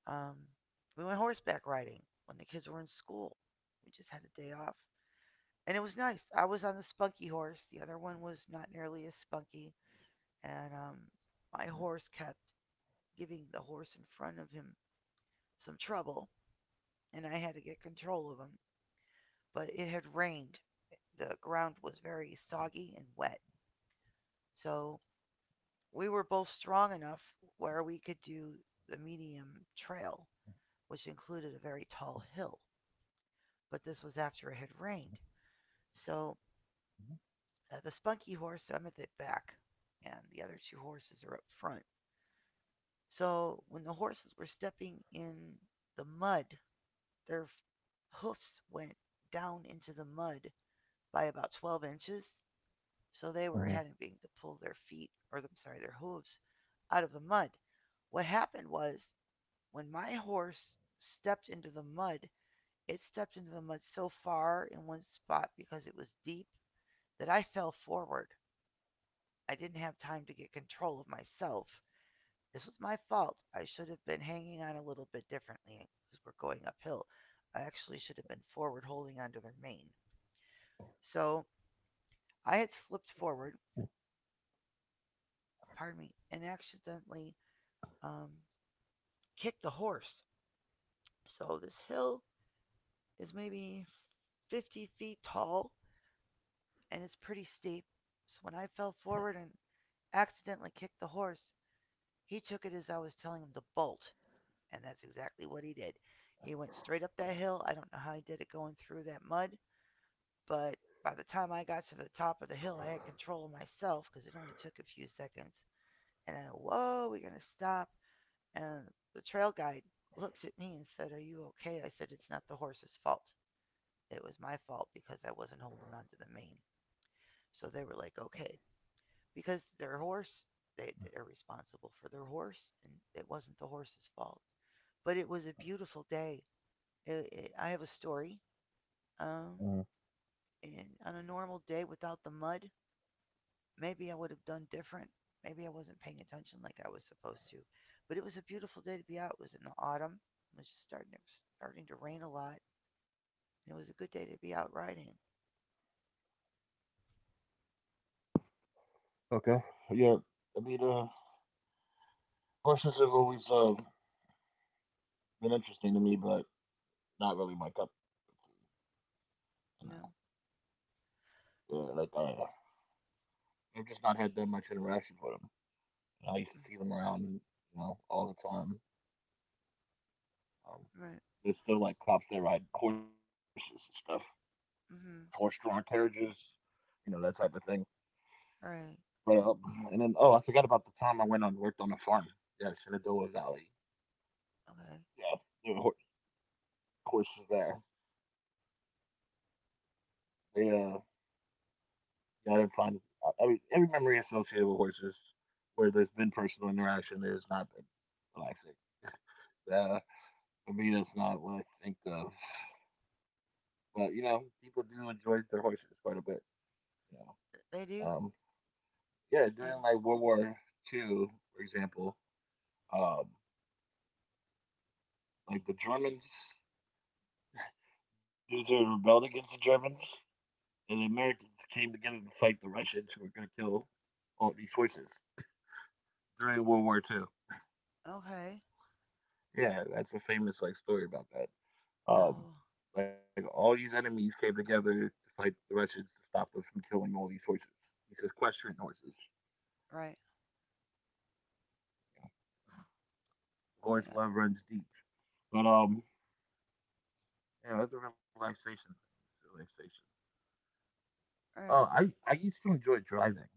um, we went horseback riding when the kids were in school. We just had a day off, and it was nice. I was on the spunky horse. The other one was not nearly as spunky, and my horse kept giving the horse in front of him some trouble, and I had to get control of him. But it had rained. The ground was very soggy and wet, so we were both strong enough where we could do the medium trail, which included a very tall hill, but this was after it had rained. So the spunky horse, I'm at the back, and the other two horses are up front. So when the horses were stepping in the mud, their hoofs went down into the mud by about 12 inches. So they
mhm,
were having to pull their feet, or I'm sorry, their hooves out of the mud. What happened was, when my horse stepped into the mud, it stepped into the mud so far in one spot because it was deep that I fell forward. I didn't have time to get control of myself. This was my fault. I should have been hanging on a little bit differently because we're going uphill. I actually should have been forward holding onto their mane. So I had slipped forward, pardon me, and accidentally um, kicked the horse. So this hill is maybe 50 feet tall, and it's pretty steep. So when I fell forward and accidentally kicked the horse, he took it as I was telling him to bolt, and that's exactly what he did. He went straight up that hill. I don't know how he did it going through that mud, but by the time I got to the top of the hill, I had control of myself because it only took a few seconds. And I, whoa, we're going to stop. And the trail guide looks at me and said, "Are you okay?" I said, "It's not the horse's fault. It was my fault because I wasn't holding on to the mane." So they were like, "Okay." Because their horse, they're responsible for their horse, and it wasn't the horse's fault. But it was a beautiful day. I have a story,
mhm.
um, and on a normal day without the mud, maybe I would have done different. Maybe I wasn't paying attention like I was supposed to. But it was a beautiful day to be out. It was in the autumn. It was just starting. It was starting to rain a lot. And it was a good day to be out riding
Okay. Yeah. I mean, horses have always been interesting to me, but not really my cup of tea.
you know
You know, yeah, I've just not had that much interaction with them. I used to
Mm,
see them around, you know, all the time. Um,
right.
there's still like cops that ride horses and stuff,
Mm-hmm.
horse-drawn carriages, you know, that type of thing.
Right.
But and then oh, I forgot about the time I went and worked on a farm. Yeah, Shenandoah Valley.
Okay.
Yeah, there were horses there. They yeah, I didn't find I mean, every memory associated with horses where there's been personal interaction, there's not been relaxing. Uh, for me, that's not what I think of. But you know, people do enjoy their horses quite a bit. You know,
They do.
um, yeah,
Eh,
during like World War Two, for example, um, like the Germans, dudes who rebelled against the Germans, and the Americans came together to fight the Russians who were going to kill all these horses during World War Two.
okay.
Yeah, that's a famous like story about that. Um,
Oh,
like all these enemies came together to fight the Russians to stop them from killing all these horses. He says, "Question horses."
right.
Lord's
Yeah.
love runs deep. But yeah, that's a relaxation thing. Relaxation. Oh,
Right.
I used to enjoy driving,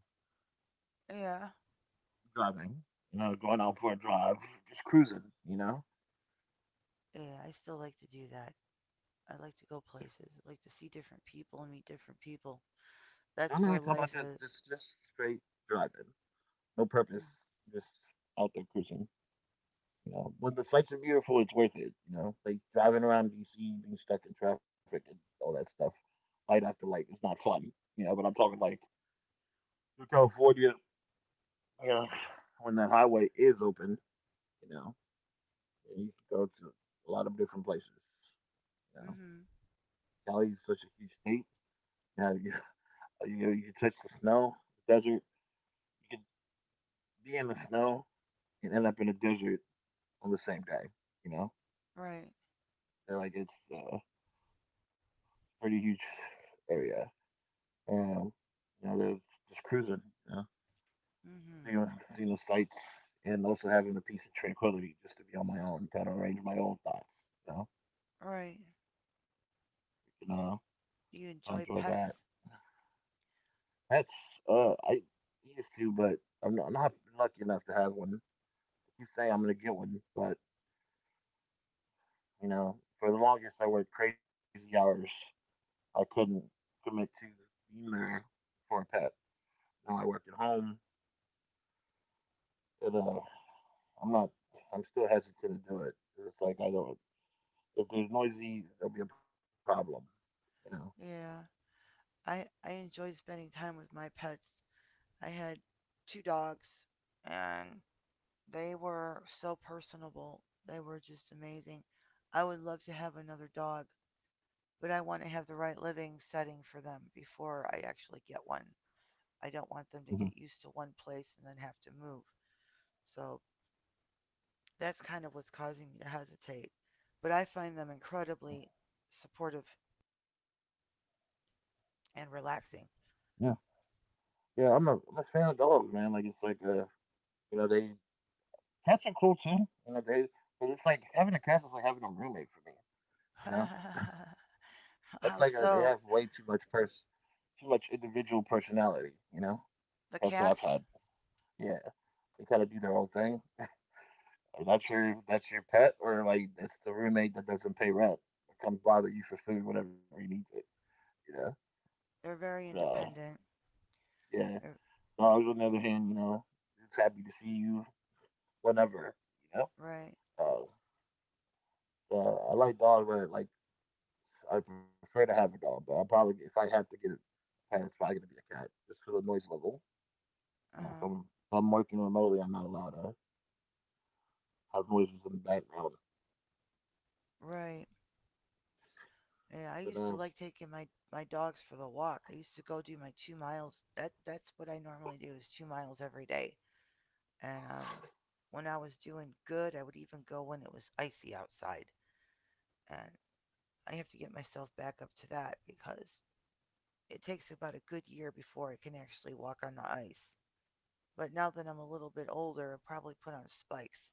Yeah.
driving. You know, going out for a drive, just cruising. You know,
Yeah. I still like to do that. I like to go places. I like to see different people and meet different people.
now I'm not even
That's
talking
where
about just
life
just
is.
just straight driving, no purpose,
Mm.
just out there cruising. You know, when the sights are beautiful, it's worth it. You know, like driving around DC, being stuck in traffic, and all that stuff, light after light, it's not fun. You know, but I'm talking like California, you know, when that highway is open, you know. Yeah, you can go to a lot of different places. You know,
Mm-hmm.
Cali is such a huge state. You, have, you, you know, you can touch the snow, the desert. You can be in the snow and end up in a desert on the same day. You know,
Right.
and, like it's a pretty huge area. And you know, there's just cruising. You know,
Mm-hmm.
seeing, seeing the sights and also having the peace and tranquility just to be on my own, kind of arrange my own thoughts. You know,
Right.
you know, I
You
enjoy
enjoy
that.
pets?
That's I used to, but I'm not lucky enough to have one. I keep saying I'm gonna get one, but you know, for the longest I worked crazy hours. I couldn't commit to being there for a pet. Now I work at home. It, uh, I'm not. I'm still hesitant to do it. 'Cause it's like I don't. If there's noisy, there'll be a problem. You know.
Yeah. I enjoy spending time with my pets. I had two dogs, and they were so personable. They were just amazing. I would love to have another dog, but I want to have the right living setting for them before I actually get one. I don't want them
Hmm.
to get used to one place and then have to move. So that's kind of what's causing me to hesitate. But I find them incredibly supportive and relaxing.
Yeah. Yeah, I'm a fan of dogs, man. Like it's like you know, they Cats are cool too. You know, they but it's like having a cat is like having a roommate for me. You know, that's
How
like they
so?
have way too much pers too much individual personality. You know,
The
that's what I've
cats?
had. Yeah, they kind of do their own thing. That's your pet, or like that's the roommate that doesn't pay rent, that comes bother you for food whenever he needs it. You know,
They're very
but,
independent.
yeah.
They're,
Dogs on the other hand, you know, just happy to see you whenever. You know,
right.
uh, I like dogs, but like I prefer to have a dog. But I probably if I have to get pen, it's probably gonna be a cat just for the noise level.
Uh
You know,
huh.
if I'm working remotely, I'm not allowed to have noises in the background.
Right.
But
Yeah, I used to like taking my dogs for the walk. I used to go do my 2 miles. That's what I normally do is 2 miles every day. And when I was doing good, I would even go when it was icy outside. And I have to get myself back up to that because it takes about a good year before I can actually walk on the ice. But now that I'm a little bit older, I'll probably put on spikes.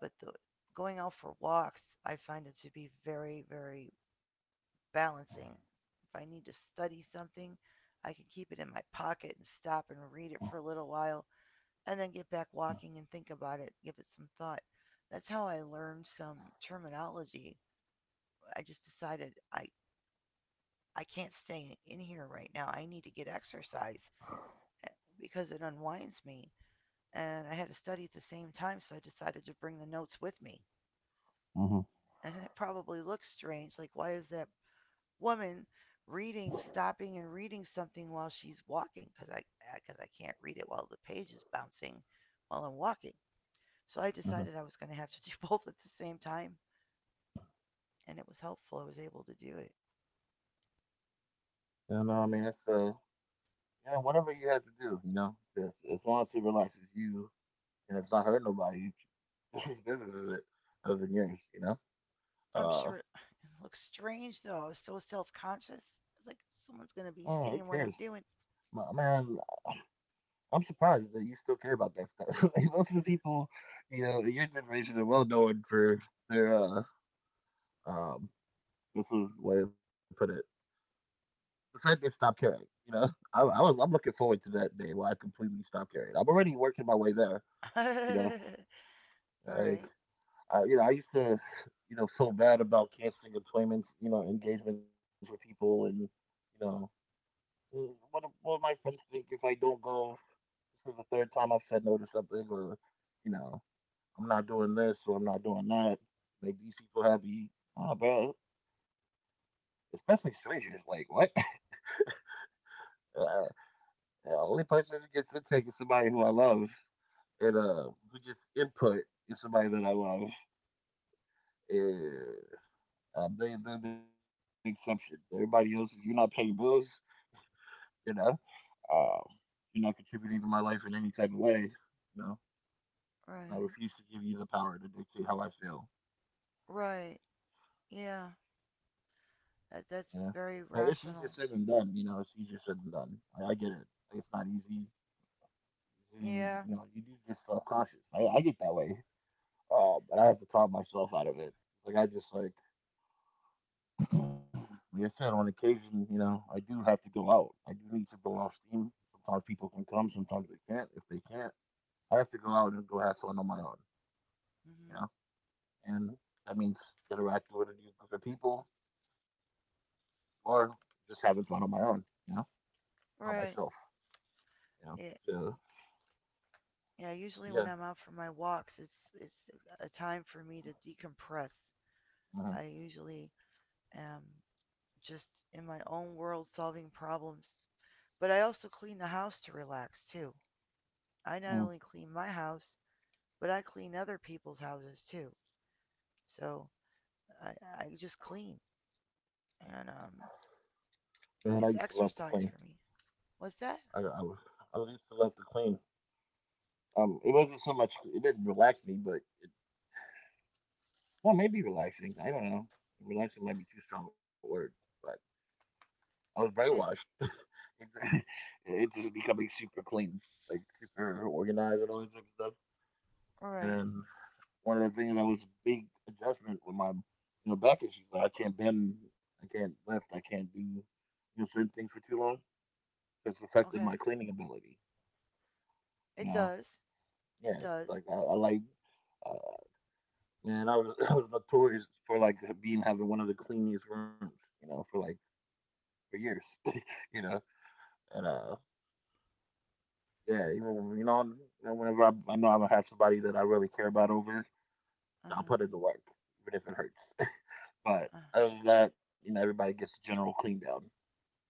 But going out for walks, I find it to be very, very balancing. If I need to study something, I can keep it in my pocket and stop and read it for a little while and then get back walking and think about it, give it some thought. That's how I learned some terminology. I just decided I can't stay in here right now. I need to get exercise eh, because it unwinds me. And I had to study at the same time, so I decided to bring the notes with me.
mm-hmm.
And it probably looks strange. Like, why is that woman reading, stopping and reading something while she's walking? Because I can't read it while the page is bouncing while I'm walking. So I decided
Mm-hmm.
I was going to have to do both at the same time. And it was helpful. I was able to do it.
You know, I mean, it's you know, whatever you have to do, you know, just, as long as it relaxes you and it's not hurting nobody, whose business is it other than yours, you know?
I'm
Uh,
sure it looks strange though. I was so self conscious. It's like someone's
oh,
gonna
who
be
cares?
seeing what I'm doing.
Man, I'm surprised that you still care about that stuff. Like, most of the people, you know, in your generation are well known for their um, this is the way to put it. The fact they've stopped caring. You know, I'm looking forward to that day where I completely stop caring. I'm already working my way there. You know,
Right.
like
Right.
you know, I used to, you know, feel bad about canceling employments, you know, engagements with people, and you know, "Mm, what do my friends think if I don't go? This is the third time I've said no to something, or you know, I'm not doing this or I'm not doing that. Make these people happy, oh, bro. Especially strangers, like what? Uh, the only person who gets intake is somebody who I love, and we get input is somebody that I love, and they're the exception. Everybody else, if you're not paying bills, you know, um, you're not contributing to my life in any type of way. You know, I refuse to give you the power to dictate how I feel.
Right. Yeah, that
Yeah,
that's
but it's
very
easier said than
rational.
done. You know, it's easier said than done. I get it. It's not easy.
Yeah.
You know, you do get self conscious. I get that way. But I have to talk myself out of it. Like I just like Yeah. Like I said, on occasion, you know, I do have to go out. I do need to blow off steam. Sometimes people can come, sometimes they can't. If they can't, I have to go out and go have fun on my own, you know?
Hmm.
And that means interacting with a new group of people or just having fun on my own, you know, by myself,
Right.
you know?
Yeah.
So,
Yeah. Usually when
yeah.
I'm out for my walks, it's a time for me to decompress.
Mhm,
I usually am just in my own world solving problems, but I also clean the house to relax too. I not only
mm.
clean my house, but I clean other people's houses too. So I just clean, and
Man, I
it's
used to love to
exercise
clean.
for me. What's that?
I, I, was- I used to love to clean. It wasn't so much, it didn't relax me, but well, maybe relaxing. I don't know. Relaxing might be too strong a word, but I was brainwashed.
Yeah.
it's, it's just becoming super clean, like super organized and all this type of stuff.
All right.
And one of the things that was a big adjustment with my, you know, back issues. Like I can't bend, I can't lift, I can't do, you know, certain things for too long. It's affected my
Okay.
cleaning ability. You
It
know,
does. It
yeah,
does.
like uh, man, I was I was notorious for like being having one of the cleanest rooms. You know, for like for years. You know, and yeah, even you know, whenever I know I'm gonna have somebody that I really care about over, I'll
Uh
put in the work, even if it hurts. But
huh.
other than that, you know, everybody gets a general clean down,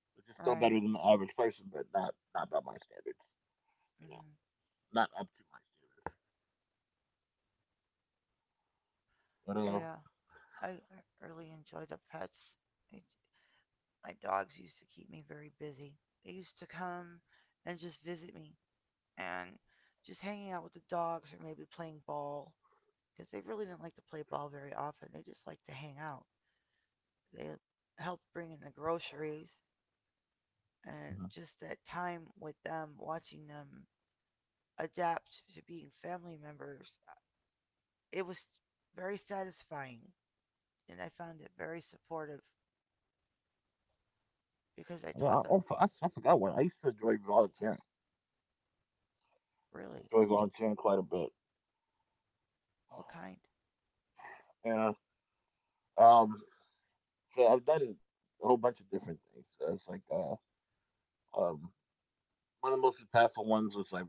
which is still better
Right.
than the average person, but not not by my standards. You know,
Hmm.
not up to my standards.
Yeah. I really enjoy the pets. I, my dogs used to keep me very busy. They used to come and just visit me, and just hanging out with the dogs or maybe playing ball because they really didn't like to play ball very often. They just liked to hang out. They helped bring in the groceries
But
and
mhm.
just that time with them, watching them adapt to being family members, it was very satisfying. And I found it very supportive
yeah, I,
because I
oh, f-
taught
I,
them
s- I forgot one. I used to enjoy volunteering.
really
Enjoy volunteering quite a bit.
what kind.
Yeah. Um. So I've done a whole bunch of different things. So it's like um one of the most impactful ones was like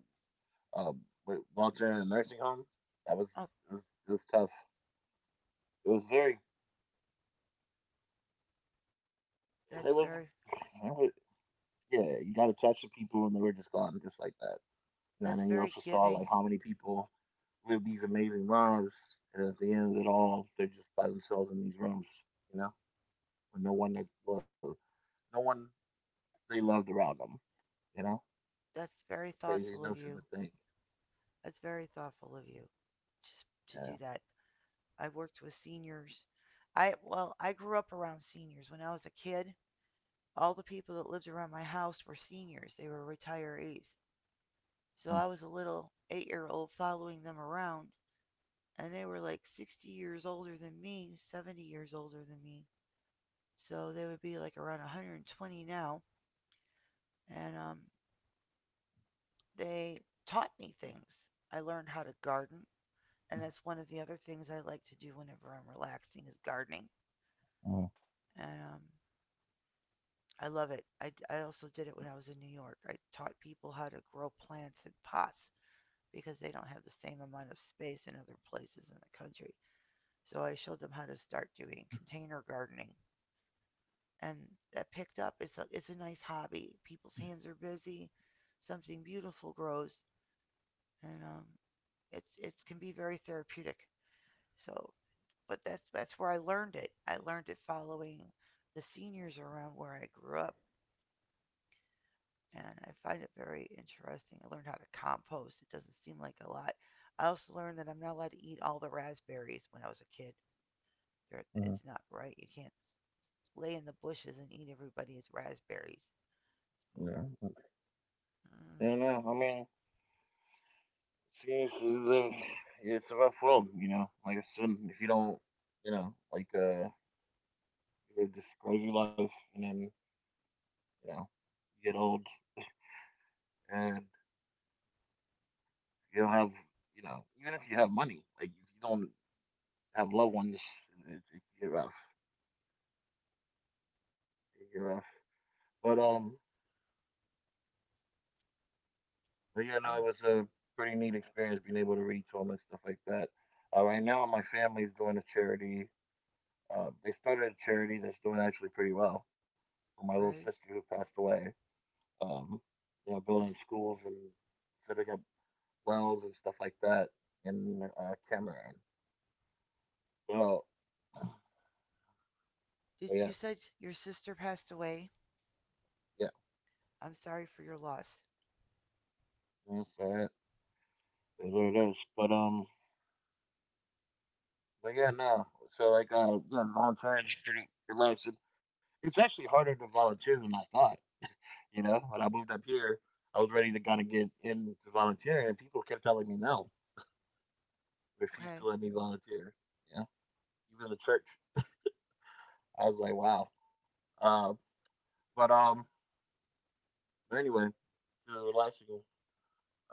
um, with Walter in a nursing home. That was
Oh,
it was tough. It was very. It
that's
was,
very
it was- Yeah, you got attached to people, and they were just gone, just like that. You know, and
that's
then you also
very
saw like
giving.
how many people live these amazing lives, and at the end of it all, they're just by themselves in these rooms. You know, with no one that loved, no one they loved around them. You know,
That's very
it's a crazy
thoughtful of
notion to
you.
think.
That's very thoughtful of you just to do
Yeah.
that. I worked with seniors. I grew up around seniors when I was a kid. All the people that lived around my house were seniors. They were retirees. So
Uh
I was a little 8-year-old following them around, and they were like 60 years older than me, 70 years older than me. So they would be like around 120 now. And they taught me things. I learned how to garden, and that's one of the other things I like to do whenever I'm relaxing is gardening.
huh.
And I love it. I also did it when I was in New York. I taught people how to grow plants in pots because they don't have the same amount of space in other places in the country. So I showed them how to start doing container gardening. And that picked up. It's a nice hobby. People's hands are busy. Something beautiful grows, and it can be very therapeutic. So, but that's where I learned it. I learned it following the seniors around where I grew up, and I find it very interesting. I learned how to compost. It doesn't seem like a lot. I also learned that I'm not allowed to eat all the raspberries when I was a kid. It's
Mm-hmm.
not right. You can't lay in the bushes and eat everybody's raspberries. So,
Yeah. I
mm,
don't know. I mean, seriously, like, it's a rough world, you know. Like, I said, if you don't, you know, like, you live this crazy life, and then, you know, you get old, and you don't have, you know, even if you have money, like, if you don't have loved ones, it can get rough. It can get rough. But, yeah, no, it
I'm
was a pretty neat experience being able to read to them and stuff like that. Right now, my family's doing a charity. They started a charity that's doing actually pretty well for my little sister
great.
who passed away. um, you know,
I'm,
building schools and setting up wells and stuff like that in Cameroon. So, but
you
yeah,
said your sister passed away?
yeah,
I'm sorry for your loss.
that's all right. That's what it is. But yeah, no. So like, yeah, volunteering is pretty relaxing. It's actually harder to volunteer than I thought. You know, when I moved up here, I was ready to kind of get into volunteering, and people kept telling me no, refused to
Okay.
let me volunteer. Yeah, even the church. I was like, wow. Uh, but um, but Anyway, the relaxing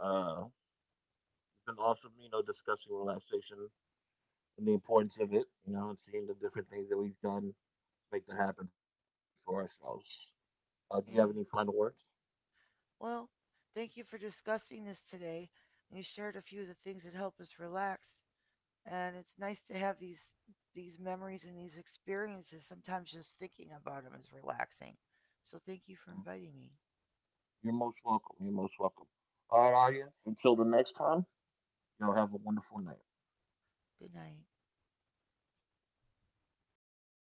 It's been awesome, you know, discussing relaxation and the importance of it, you know, and seeing the different things that we've done to make that happen for ourselves. Do you have any final words?
Yeah. Well, thank you for discussing this today. You shared a few of the things that help us relax, and it's nice to have these memories and these experiences. Sometimes just thinking about them is relaxing. So thank you for inviting me.
You're most welcome. You're most welcome. All right, audience. Until the next time, y'all have a wonderful night.
Good night.